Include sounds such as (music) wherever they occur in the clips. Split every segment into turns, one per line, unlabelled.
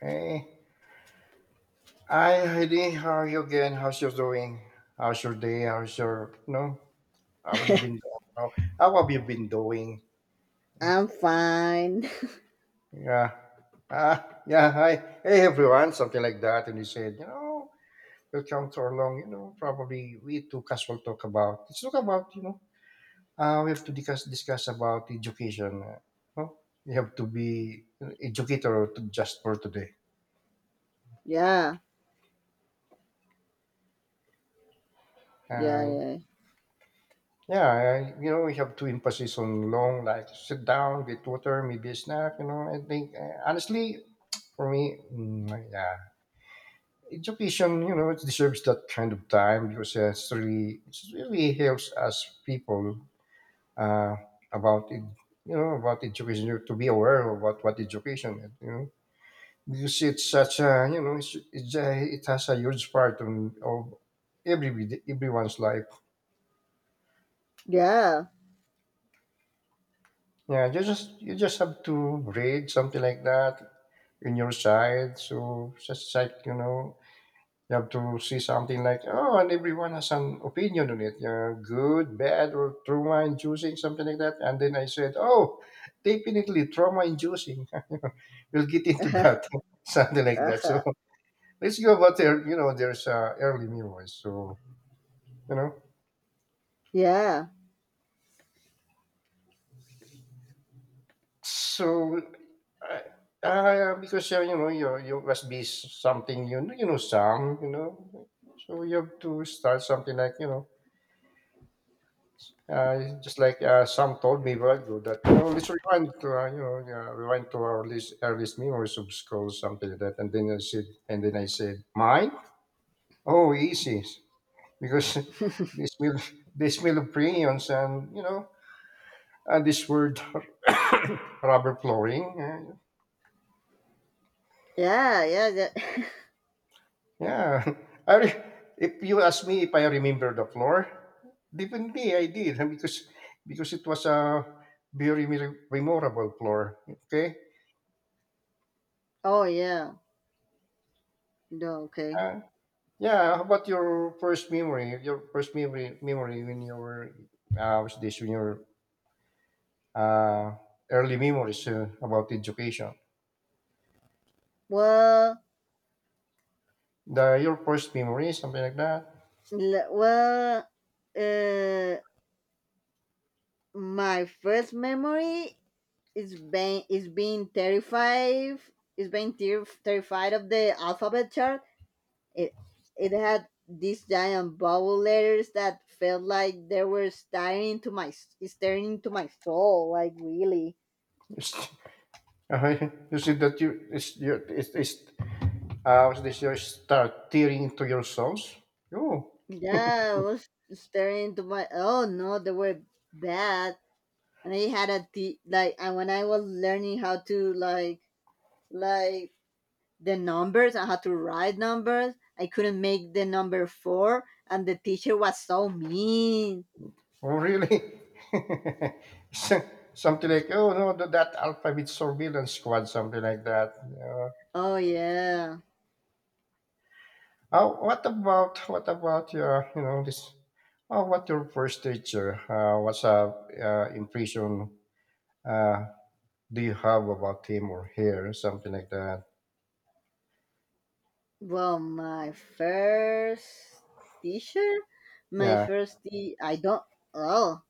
Hey. Hi, Heidi. How are you again? How's your doing? How's your day? How's your no? How have you been? How, how have you been doing? Yeah.
I'm fine. (laughs)
Yeah. Yeah. Hi. Hey, everyone. Something like that. And he said, you know, welcome to our long, you know, probably we two casual talk about. Let's talk about, you know, we have to discuss about education. No? You have to be an educator just for today.
Yeah,
Uh,
yeah,
Yeah, I, you know, we have to emphasis on long, like sit down, get water, maybe a snack. You know, I think honestly, for me, yeah, education, you know, it deserves that kind of time because it's really, it really helps us people uh, about it, you know, about education you know, to be aware about what education, is, you know, because it's such a, you know, it's a, it has a huge part on, of everyone's life.
yeah,
Yeah, you just have to read something like that. In your side. So just like you know, you have to see something like oh, and everyone has an opinion on it, yeah, good, bad, or trauma inducing, something like that. And then I said, oh, definitely trauma inducing. (laughs) We'll get into
yeah,
that, (laughs) something like that. So
(laughs)
let's go about there. You know, there's early memories. So you know,
yeah, yeah,
so. I- because you know you must be something you know some you know so you have to start something like you know just like Sam told me while ago that you know let's rewind to you know rewind to our least, earliest memories of school something like that and then I said mine. Oh, easy, because (laughs) this smell, they smell of crayons and you know and this word (coughs) rubber flooring
yeah. Yeah.
yeah. (laughs) I re- if you ask me if I remember the floor, definitely I did (laughs) because it was a very memorable floor. Okay.
(laughs) Oh yeah. No, okay.
Uh, Yeah, how about your first memory? Your memory when you were, what's this? When your uh, early memories about education.
Well,
The your first memory, something like that.
well, uh, my first memory is being terrified. Is being terrified of the alphabet chart. It it had these giant bubble letters that felt like they were staring into my soul. Like really.
It's, (laughs) you see that you it's you it's what's this? You start tearing into your souls. Oh,
Yeah, I was staring into my. Oh no, they were bad. And I had a t- like, and when I was learning how to like the numbers and how to write numbers, I couldn't make the number four, and the teacher was so mean.
oh really? (laughs) Something like oh no, that alphabet surveillance squad, something like that.
Oh yeah.
Oh, what about your you know this? Oh, what your first teacher? What's impression? Uh, do you have about him or her? Something like that.
Well, my first teacher,
Yeah.
I don't. Oh,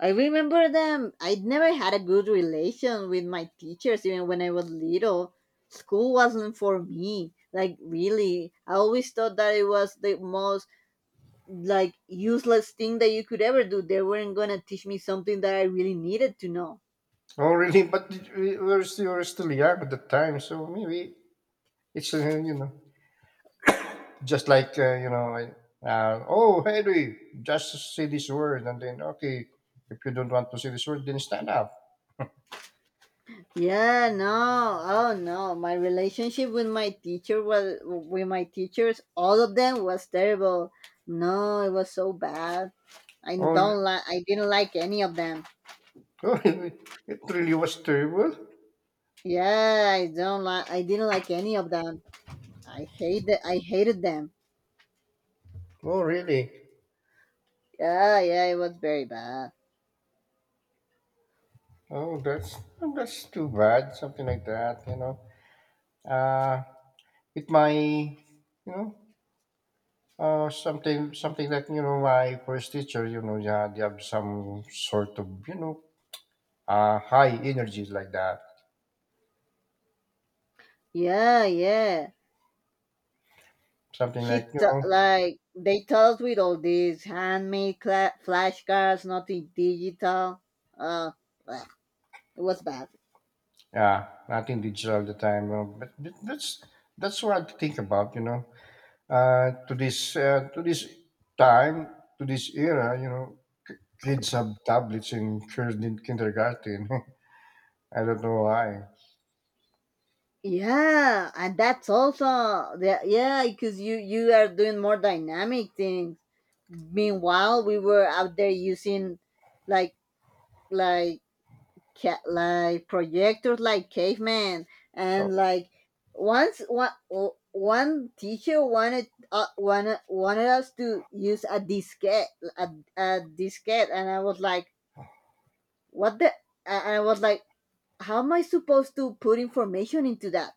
I remember them. I'd never had a good relation with my teachers, even when I was little. School wasn't for me. Like, really. I always thought that it was the most, like, useless thing that you could ever do. They weren't gonna teach me something that I really needed to know.
Oh, really? But we were still young at the time, so maybe it's you know just like you know. I, oh, Henry, just say this word, and then okay, if you don't want to say this word, then stand up.
Yeah, no. Oh, no. My relationship with with my teachers, all of them was terrible. No, it was so bad.
Oh,
I didn't like any of them.
(laughs) oh it really was terrible.
Yeah, I don't like. I didn't like any of them. I hate. I hated them.
Oh, really?
Yeah, yeah, it was very bad.
Oh, that's too bad. Something like that, you know. Uh, it might, you know, something that you know my first teacher, you know, yeah, they have some sort of you know, high energies like that.
Yeah, yeah.
Something like you know,
Like they taught us with all these handmade flashcards, nothing digital. Uh, Bleh, it was bad.
yeah, nothing digital at the time. You know, but that's what to think about, you know. To this time, to this era, you know, kids have tablets in kindergarten. (laughs) I don't know why.
Yeah, and that's also the yeah, because you are doing more dynamic things. Meanwhile, we were out there using like like like projectors like cavemen,
Oh,
and like. Once one teacher wanted, wanted us to use a diskette, a, a diskette. And I was like, what the. And I was like, how am I supposed to put information into that?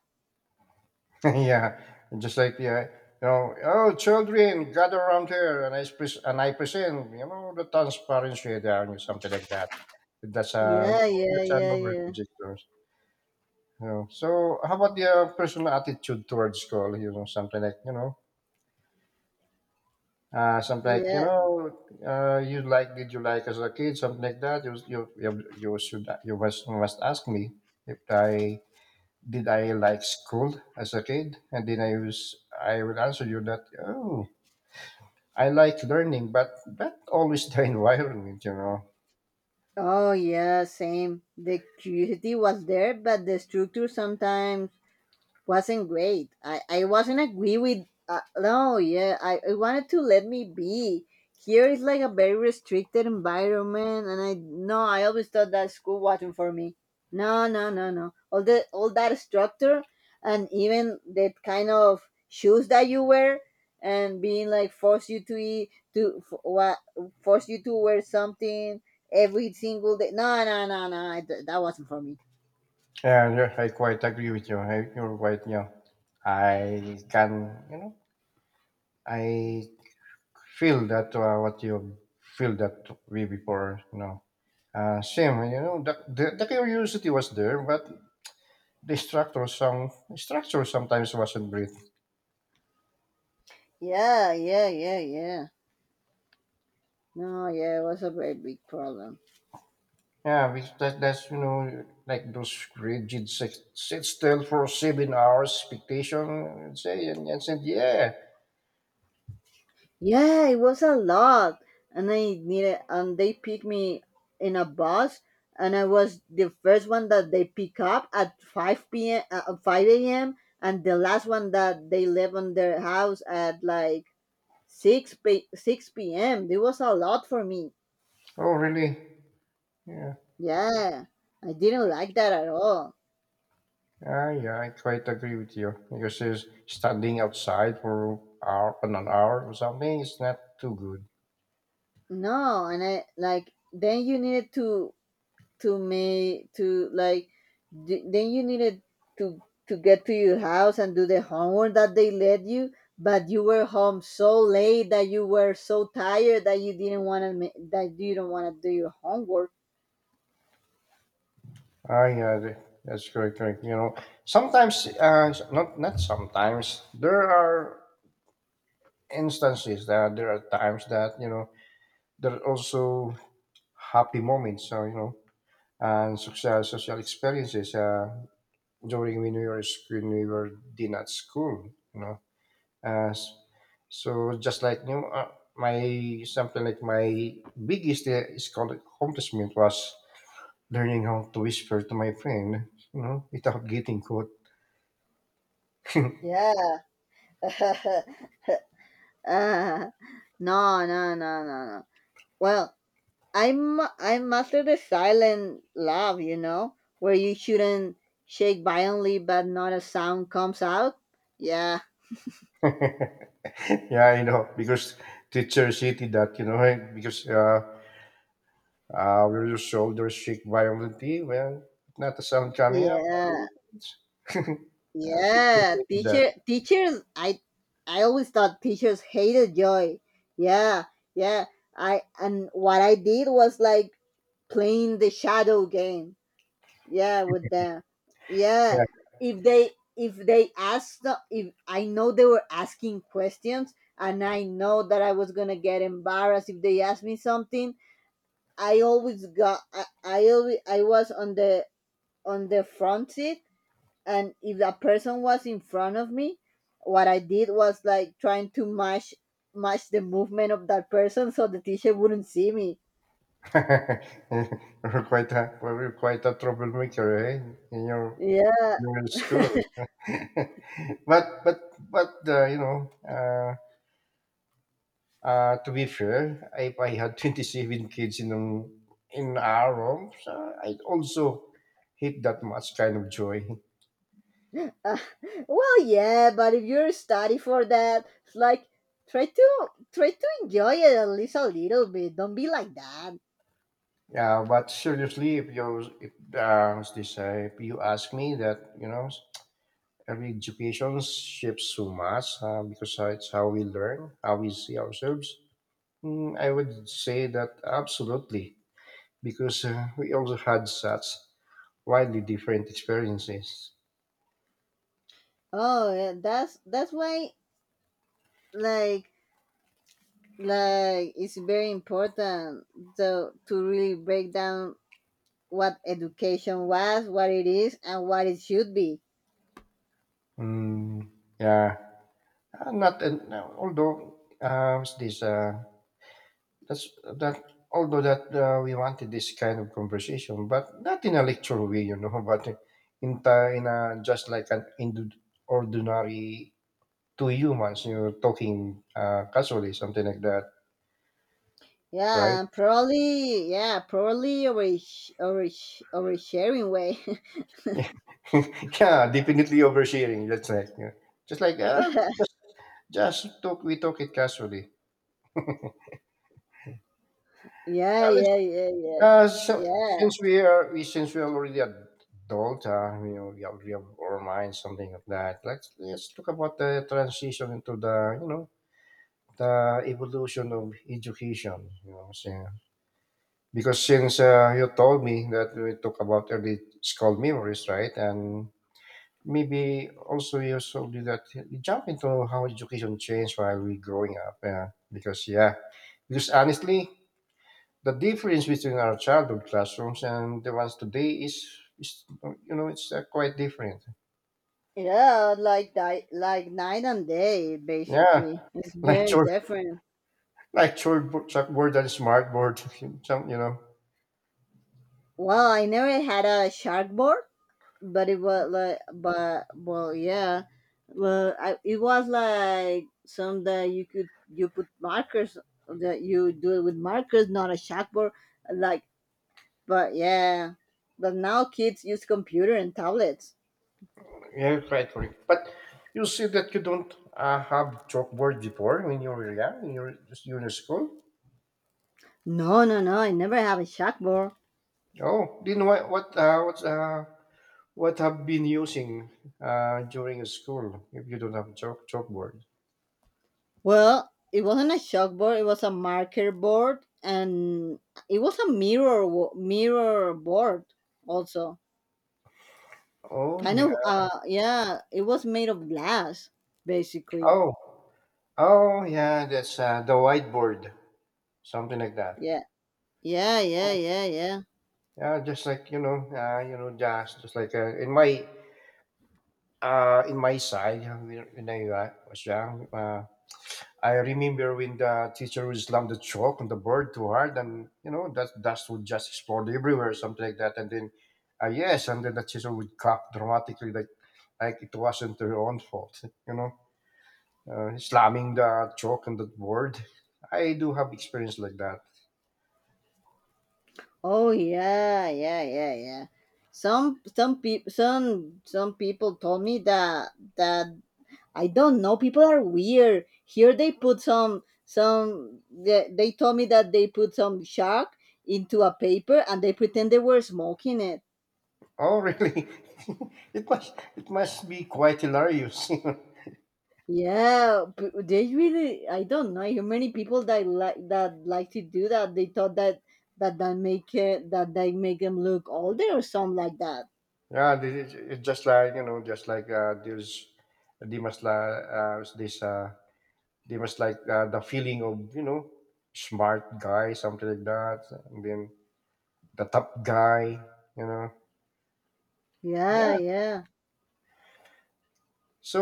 (laughs) yeah, and just like yeah, you know, oh children, gather around here, and and I present, you know, the transparency down or something like that. That's a you
Yeah,
know,
yeah,
that's an
yeah, yeah,
overprojector. You know, so how about the personal attitude towards school? You know, something like you know, something like you
yeah.
know, you like did you like as a kid, something like that. You you should you must ask me if I did I like school as a kid? And then I would answer you that oh I like learning, but not always (laughs) the environment, you know.
Oh yeah, same. The curiosity was there, but the structure sometimes wasn't great. I wasn't agree with, no, yeah. I wanted to let me be. Here is like a very restricted environment, and I no. I always thought that school wasn't for me. No, no, no, no. All that structure and even that kind of shoes that you wear and being like force you to eat, what force you to wear something every single day. No, no, no, no. That wasn't for me.
Yeah, yeah, I quite agree with you. I, you're right. Yeah, I can, you know, I feel that what you feel that way before, you know. Same, you know, the curiosity was there, but the structure sometimes wasn't great.
Yeah, yeah, yeah, yeah. No, yeah, it was a very big problem.
Yeah, that's you know like those rigid sit still for 7 hours expectation and and said yeah.
Yeah, it was a lot, and I needed, and they picked me in a bus, and I was the first one that they pick up at 5 p.m. At 5 a.m. and the last one that they left on their house at like 6 p.m. It was a lot for me.
Oh really? Yeah,
Yeah, I didn't like that at all.
yeah, yeah. I quite agree with you because is standing outside for hour on an hour or something is not too good.
No, and I like, then you needed to make to like d- then you needed to to get to your house and do the homework that they let you. But you were home so late that you were so tired that you don't want to do your homework.
Yeah, that's correct, correct. You know, sometimes, not sometimes. There are instances that there are times that you know there are also happy moments. So you know, and social experiences during when we were in at school. You know, Uh, s- so just like you know, my something like my biggest is called accomplishment was learning how to whisper to my friend, you know, without getting caught. (laughs)
Yeah. (laughs) uh, no, no, no, no, no. Well, I mastered the silent laugh, you know, where you shouldn't shake violently but not a sound comes out. Yeah.
Yeah, I know because teachers hated that, you know, right? Because will your shoulders shake violently? Well, not a sound coming up.
Yeah.
(laughs) uh, teachers
Yeah,
hated that.
teachers I always thought teachers hated joy. Yeah, yeah. I and what I did was like playing the shadow game. Yeah, with them. Yeah.
Yeah,
If they if they asked the, if I know they were asking questions and I know that I was gonna get embarrassed if they asked me something, I always got I always I was on the front seat, and if that person was in front of me, what I did was like trying to match the movement of that person so the teacher wouldn't see me.
(laughs) you're quite a troublemaker, eh? In
Yeah.
your school. (laughs) but but but you know, to be fair, if I had (laughs) 27 kids in our rooms, I'd also hate that much kind of joy.
uh, (laughs) well, yeah, but if you're study for that, it's like, try to try to enjoy it at least a little bit. Don't be like that.
Yeah, but seriously, if you if what's this if you ask me that, you know, every education shapes so much because it's how we learn, how we see ourselves. I would say that absolutely because we also had such widely different experiences.
Oh yeah, that's why, like like it's very important to really break down what education was, what it is, and what it should be.
Mm, yeah, not and no, although what's this that's that although that we wanted this kind of conversation, but not in a lecture way, you know, (laughs) but in a just like ordinary two humans, you know, talking casually, something like that, right?
Yeah, probably. Yeah, probably oversharing way. (laughs)
(laughs) Yeah, yeah, definitely oversharing. That's right. Yeah. Just like just just talk, we talk it casually.
Yeah,
Let's
yeah, yeah, yeah,
So
yeah,
since we are already adult, you know, we have our minds, something like that. Let's talk about the transition into the you know the evolution of education. You know, so- because since you told me that we talk about early school memories, right, and maybe also you told me that we jump into how education changed while we growing up. Yeah, because honestly, the difference between our childhood classrooms and the ones today is you know it's quite different.
yeah. Like night and day,
Yeah,
basically. It's
(laughs) like
very
chalk,
different.
like chalkboard and smartboard (laughs) some you know.
Well, I never had a shark board, but it was like, but well, yeah, well, it was like some that you could you put markers, that you do it with markers, not a shark board. Like. But yeah, but now kids use computer and tablets.
Yeah quite correct, but you see that you don't have chalkboard before when you were young in your just junior school?
No, no, no, I never have a chalkboard.
Oh then what have been using during school if you don't have chalkboard?
Well, it wasn't a chalkboard. It was a marker board, and it was a mirror board also.
Oh
Kind
yeah,
of, yeah, it was made of glass basically.
oh, oh yeah, that's the whiteboard. Something like that.
Yeah. Yeah, yeah, yeah, yeah.
Yeah, just like you know, just like in my side when I was young, I remember when the teacher would slam the chalk on the board too hard, and you know that dust would just explode everywhere, something like that. And then, yes, and then the teacher would clap dramatically, like it wasn't her own fault, (laughs) you know, slamming the chalk on the board. I do have experience like that.
Oh yeah, yeah, yeah, yeah. Some people, some people told me that I don't know. People are weird. Here they put some some. They told me that they put some shark into a paper and they pretend they were smoking it.
Oh, really? (laughs) It must be quite hilarious. (laughs)
Yeah, they really. I don't know how many people that like to do that. They thought that make it, that they make them look older or something like that.
Yeah, it's just like you know, just like there's they must like uh, this uh, they must like the feeling of you know smart guy something like that, and then the top guy, you know.
Yeah,
Yeah.
yeah.
So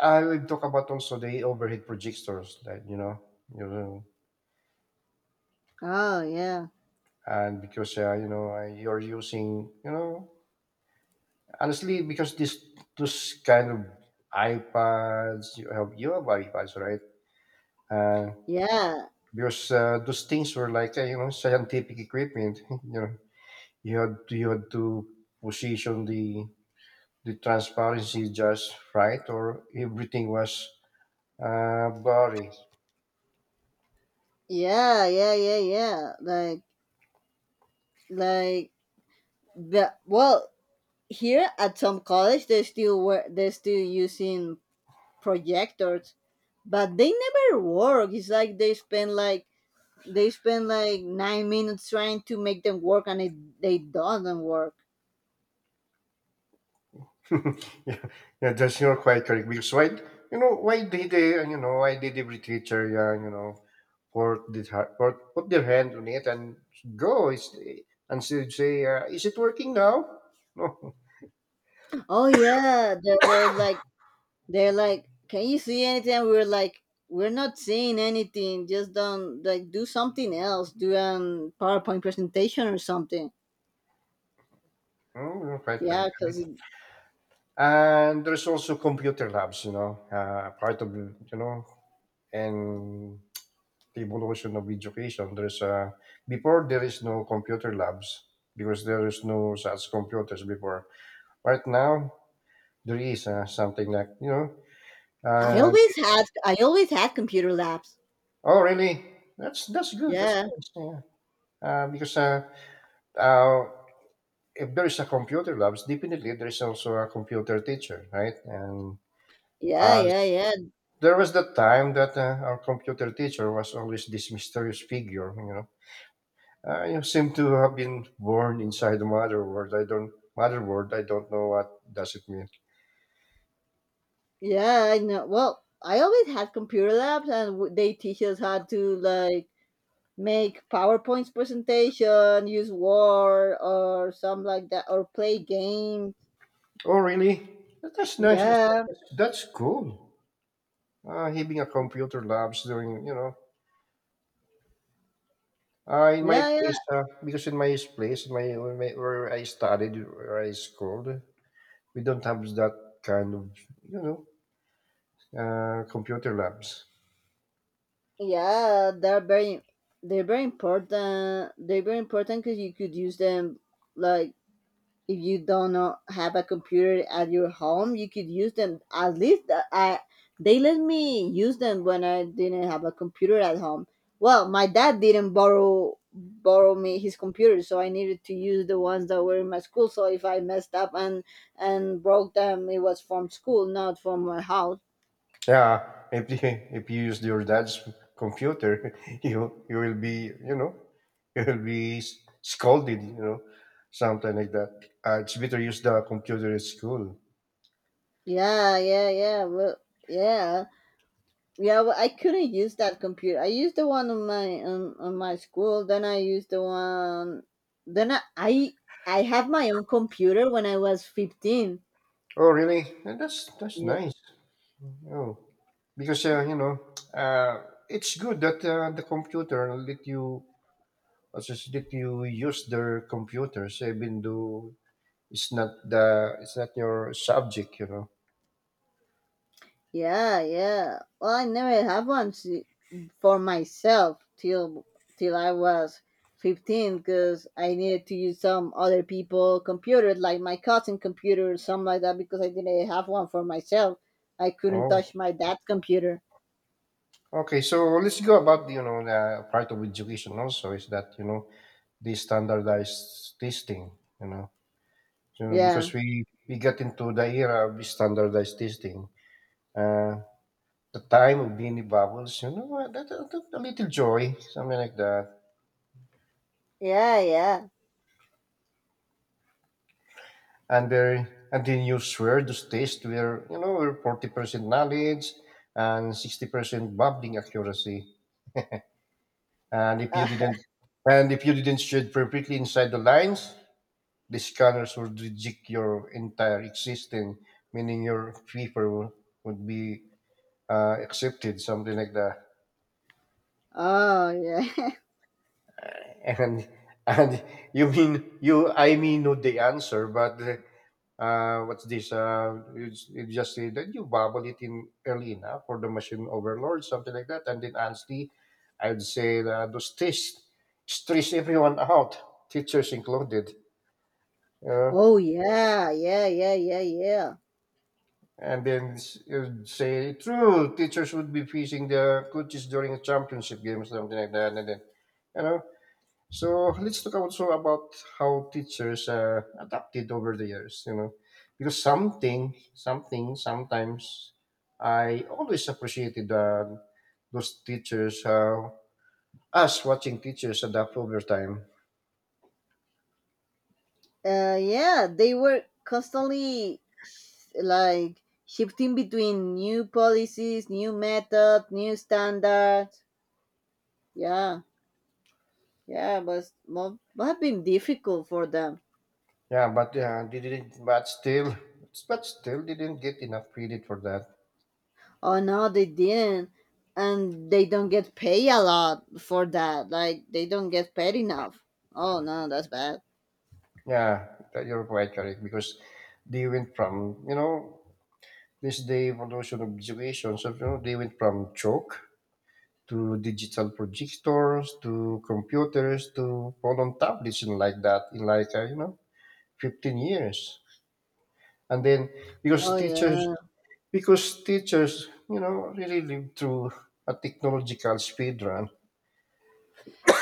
I will talk about also the overhead projectors that you know,
Oh, yeah,
and because you know you're using you know. Honestly, because this those kind of iPads, you have iPads, right? Uh,
yeah,
because those things were like you know scientific equipment. (laughs) You know, you had to position the transparency just right, or everything was blurry.
yeah, yeah, yeah, yeah. Like the well, here at some college, they're still using projectors, but they never work. It's like they spend like 9 minutes trying to make them work, and it they doesn't work.
(laughs) Yeah, yeah, that's you're quite correct. Because why, you know, why did they, you know, why did every teacher, yeah, you know, put their hand on it and go is and so you'd say, is it working now? No, (laughs)
Oh yeah, there was like, can you see anything? We were like, we're not seeing anything. Just don't like do something else. Do a PowerPoint presentation or something.
You're quite correct.
Yeah, because
And there's also computer labs, part of you know, and the evolution of education. There's before there is no computer labs because there is no such computers before. Right now, there is something like uh,
I always had computer labs.
oh really, that's good, that's
Yeah,
nice, yeah. Because uh, if there is a computer labs, definitely there is also a computer teacher, right? And
yeah,
uh,
yeah, yeah.
there was the time that our computer teacher was always this mysterious figure, you know. You seem to have been born inside the mother world, I don't, mother world, I don't know what does it mean.
Yeah, I know. Well, I always had computer labs, and they teach us how to like make PowerPoints presentation, use Word or some like that, or play games.
Oh really, that's nice, that's,
Yeah,
nice. That's cool. Having a computer labs during, you know, in my
yeah, yeah,
place, because in my place, my where I studied, where I schooled, we don't have that kind of, you know, computer labs.
yeah. They're very important. They're very important because you could use them like, if you don't know, have a computer at your home, you could use them. At least, they let me use them when I didn't have a computer at home. Well, my dad didn't borrow me his computer, so I needed to use the ones that were in my school. So if I messed up and broke them, it was from school, not from my house.
Yeah, if you use your dad's computer, (laughs) you will be, you know, you will be scolded, you know, something like that. It's better use the computer at school.
Yeah, yeah, yeah. Well, yeah. Yeah, but I couldn't use that computer. I used the one on my, on my school. Then I used the one. Then I have my own computer when I was 15.
Oh, really? That's
Yeah,
nice. Oh, because you know, uh, it's good that the computer let you assess, let you use their computers, even though it's not your subject, you know.
yeah, yeah. Well, I never had one for myself, till I was 15 because I needed to use some other people' computers, like my cousin computer or something like that, because I didn't have one for myself. I couldn't
Oh,
touch my dad's computer.
okay. So let's go about, you know, the part of education also is that, you know, the standardized testing, you know, you know, because
Yeah,
we get into the era of standardized testing. Uh, the time of beanie bubbles, you know, a little joy, something like that.
yeah, yeah.
And there, and then you swear those tests were, you know, were 40% knowledge and 60% bubbling accuracy. And if you
(laughs)
didn't, and if you didn't shade perfectly inside the lines, the scanners would reject your entire existence, meaning your paper would be accepted, something like that.
Oh yeah. (laughs)
And (laughs) and you mean you I mean, know the answer, but what's this you just say that you bubble it in early enough for the machine overload, something like that. And then honestly, I would say that those tests stress everyone out, teachers included. uh,
Oh yeah. Yeah. Yeah. Yeah. Yeah.
and then you'd say true teachers would be facing the coaches during a championship game, something like that. And then, you know, so let's talk also about how teachers adapted over the years, you know, because sometimes I always appreciated those teachers, us watching teachers adapt over time.
Yeah. They were constantly like shifting between new policies, new methods, new standards. Yeah. Yeah. It was must have been difficult for them.
Yeah, but yeah, they didn't, but still, they didn't get enough credit for that.
Oh no, they didn't, and they don't get paid a lot for that. Like, they don't get paid enough. Oh no, that's bad.
Yeah, that you're quite correct, because they went from, you know, this day evolution of education, so you know, they went from joke to digital projectors to computers to phone on tablets and like that in like, you know, 15 years. And then, because
Oh
teachers,
yeah.
because teachers, you know, really live through a technological speed run.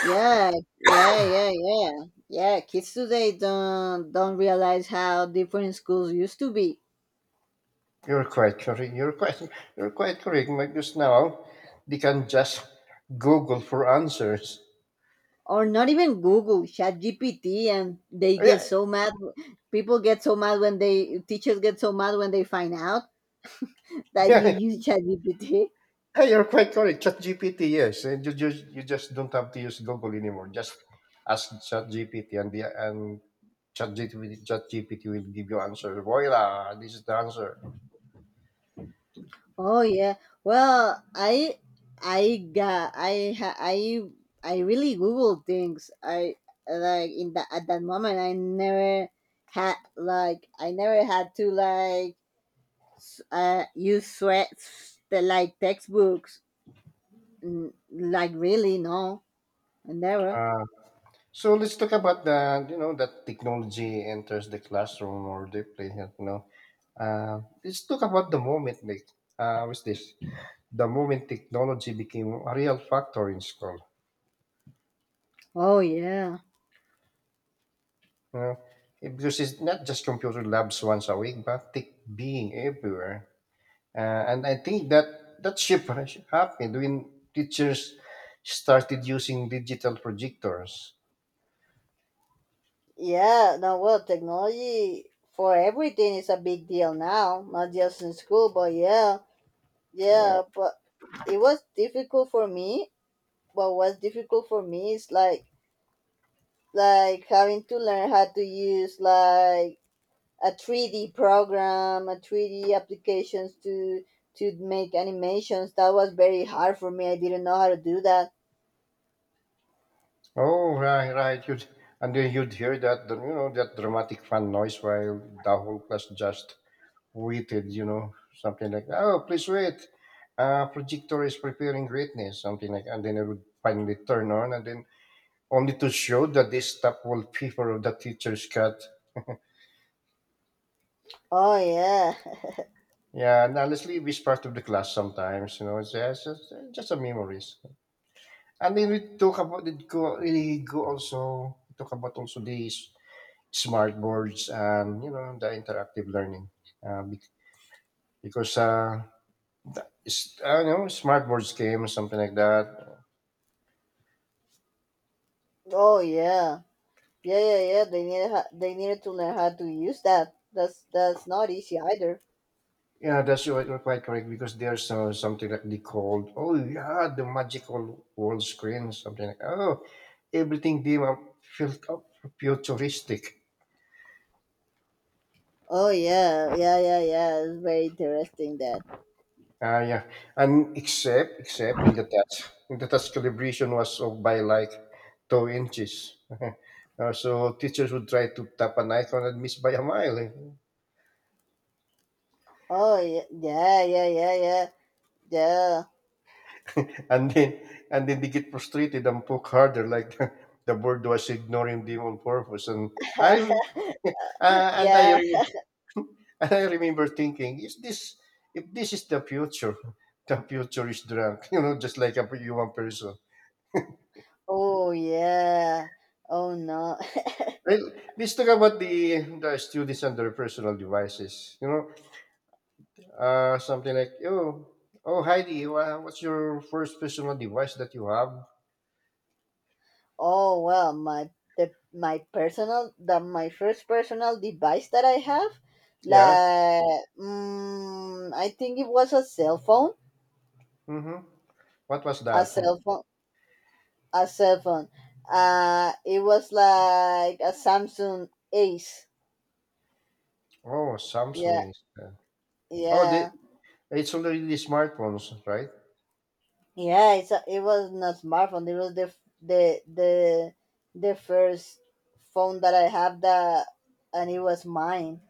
Yeah, yeah, yeah, yeah. Yeah, kids today don't realize how different schools used to be.
You're quite correct, you're quite, (laughs) you're quite correct, because now they can just google for answers.
Or not even Google, Chat GPT, and they
Yeah.
get so mad, people get so mad when, they teachers get so mad when they find out
(laughs)
that you
Yeah.
use Chat GPT.
Hey, you're quite correct. ChatGPT, yes, and you just don't have to use Google anymore. Just ask ChatGPT, and the and ChatGPT will give you answer. Voila, this is the answer.
Oh yeah. Well, I got I ha- I really Google things. I like, in that, at that moment, I never had like I never had to, use threats that like textbooks. Like really, no, I never.
Uh, So let's talk about the, you know, that technology enters the classroom or the playground. You know, let's talk about the moment like, what's this? The moment technology became a real factor in school.
Oh yeah,
You know, eh, because it's not just computer labs once a week, but tech being everywhere. And I think that shift has happened when teachers started using digital projectors.
yeah. No, well, technology for everything is a big deal now, not just in school, but yeah,
Yeah.
yeah. But it was difficult for me. But what's difficult for me is like having to learn how to use like a 3D program, a 3D applications to make animations. That was very hard for me. I didn't know how to do that.
Oh, right, right. You'd, and then you'd hear that, you know, that dramatic fan noise while the whole class just waited, you know, something like, oh, please wait. Projector is preparing greatness, something like, and then it would finally turn on, and then only to show that this top wallpaper of the teacher's cut.
Oh yeah. (laughs)
Yeah, and honestly, we part of the class sometimes. You know, it's just a memories. And then we talk about it. Go, really go also talk about also these smart boards and, you know, the interactive learning. Bec- because It's, I don't know, smart boards came something like that.
Oh yeah. Yeah, yeah, yeah. They needed, they needed to learn how to use that. That's not easy either.
Yeah, that's, you're quite correct, because there's something that they called, oh yeah, the magical wall screen, something like, oh, everything they were felt up futuristic.
Oh yeah, yeah, yeah, yeah. It's very interesting that.
Ah, yeah. And except when the test calibration was off by like 2 inches. (laughs) So teachers would try to tap an icon and miss by a mile, eh.
Oh yeah, yeah, yeah, yeah, yeah, yeah,
(laughs) And then, and then they get frustrated and poke harder, like, (laughs) the board was ignoring them on purpose. And I, (laughs) uh, and I
yeah.
re- (laughs) and I remember thinking, is this, if this is the future, (laughs) the future is drunk, (laughs) you know, just like a human person.
(laughs) Oh yeah. Oh no.
Well, let's talk about the students and their personal devices. You know, something like, oh, oh, Heidi, what's your first personal device that you have?
Oh well, my the my personal the my first personal device that I have,
Yeah.
like, I think it was
Mm-hmm. What was
a
that?
cell phone, a cell phone. It was like a Samsung Ace.
Oh,
Yeah,
Samsung is. Oh, the,
yeah,
it's already the smartphones, right?
yeah. It was not smartphone. It was the f- the first phone that I have that, and it was mine.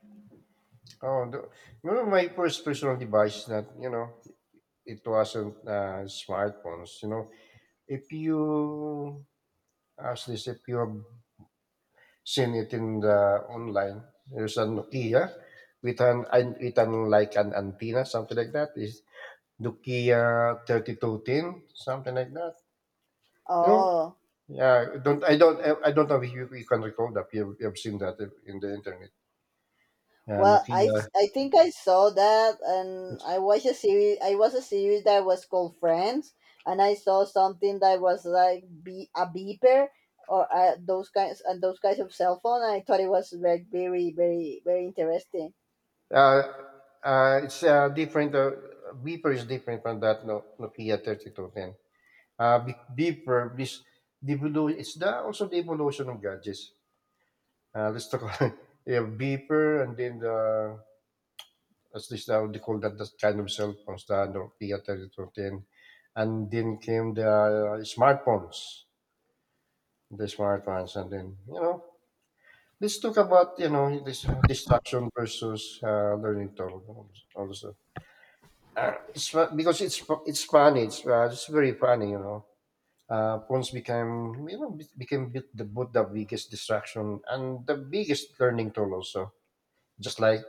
Oh, the, remember my first personal device that, you know, it wasn't smartphones. You know, if you ask this, if you have seen it in the online. There's a Nokia with an with an, like an antenna, something like that. Is Nokia 3210, something like that. You know?
Oh.
Yeah. I don't know if you can recall that. You've seen that in the internet.
Well,
Nokia.
I think I saw that, and
It's
I watched a series. I watched a series that was called Friends, and I saw something that was like, be a beeper or, those kinds of cell phone. And I thought it was like very very very interesting.
uh, it's different. Beeper is different from that, no, Nokia 3210. Beeper this, it's the also the evolution of gadgets. Let's talk about, (laughs) you have beeper and then the as this now they call that the kind of cell phones, the Nokia 3010. And then came the smartphones, and then you know. Let's talk about, you know, this distraction versus learning tool also. It's fu- because it's fu- It's funny. It's very funny, you know. Phones became, you know, the both the biggest distraction and the biggest learning tool also, just like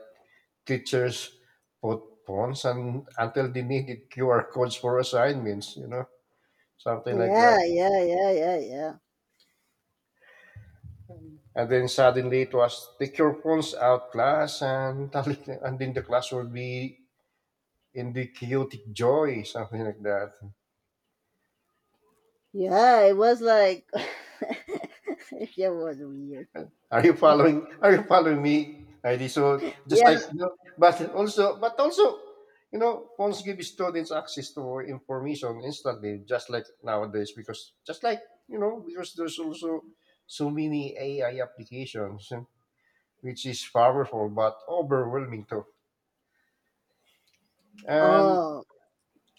teachers put phones and until they needed QR codes for assignments, you know, something like that.
Yeah, yeah, yeah, yeah, yeah,
And then suddenly it was take your phones out class, and (laughs) and then the class will be in the chaotic joy, something like that.
yeah. It was like (laughs) it was weird.
Are you following? Are you following me, Heidi? So just
Yeah.
like, you know, but also, you know, phones give students access to information instantly, just like nowadays, because just like, you know, because there's also so many AI applications, eh, which is powerful but overwhelming too. and
Oh,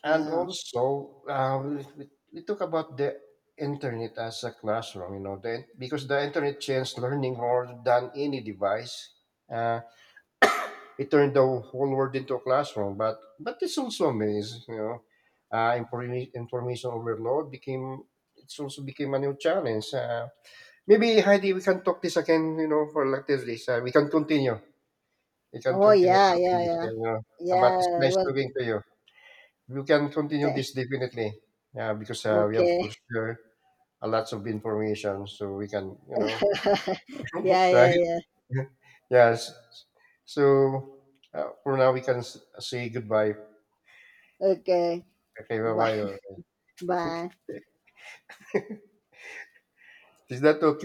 and
yeah.
also, we talk about the internet as a classroom, you know, then because the internet changed learning more than any device. Uh, it turned the whole world into a classroom. But it's also a maze, you know. Information overload became, it's also became a new challenge. Maybe Heidi, we can talk this again, you know, for like this, we can continue. We can
Oh,
continue
yeah,
talking
yeah,
this,
yeah,
you know. But it's
yeah. It
nice
was
talking to you. We can continue
okay.
this definitely. Yeah, because
(laughs)
we have to
Okay.
share a lots of information, so we can, you know,
(laughs) Yeah,
right?
yeah, yeah.
(laughs) Yes. So for now, we can say goodbye.
OK.
Okay,
Và
bye-bye.
và
Is that okay?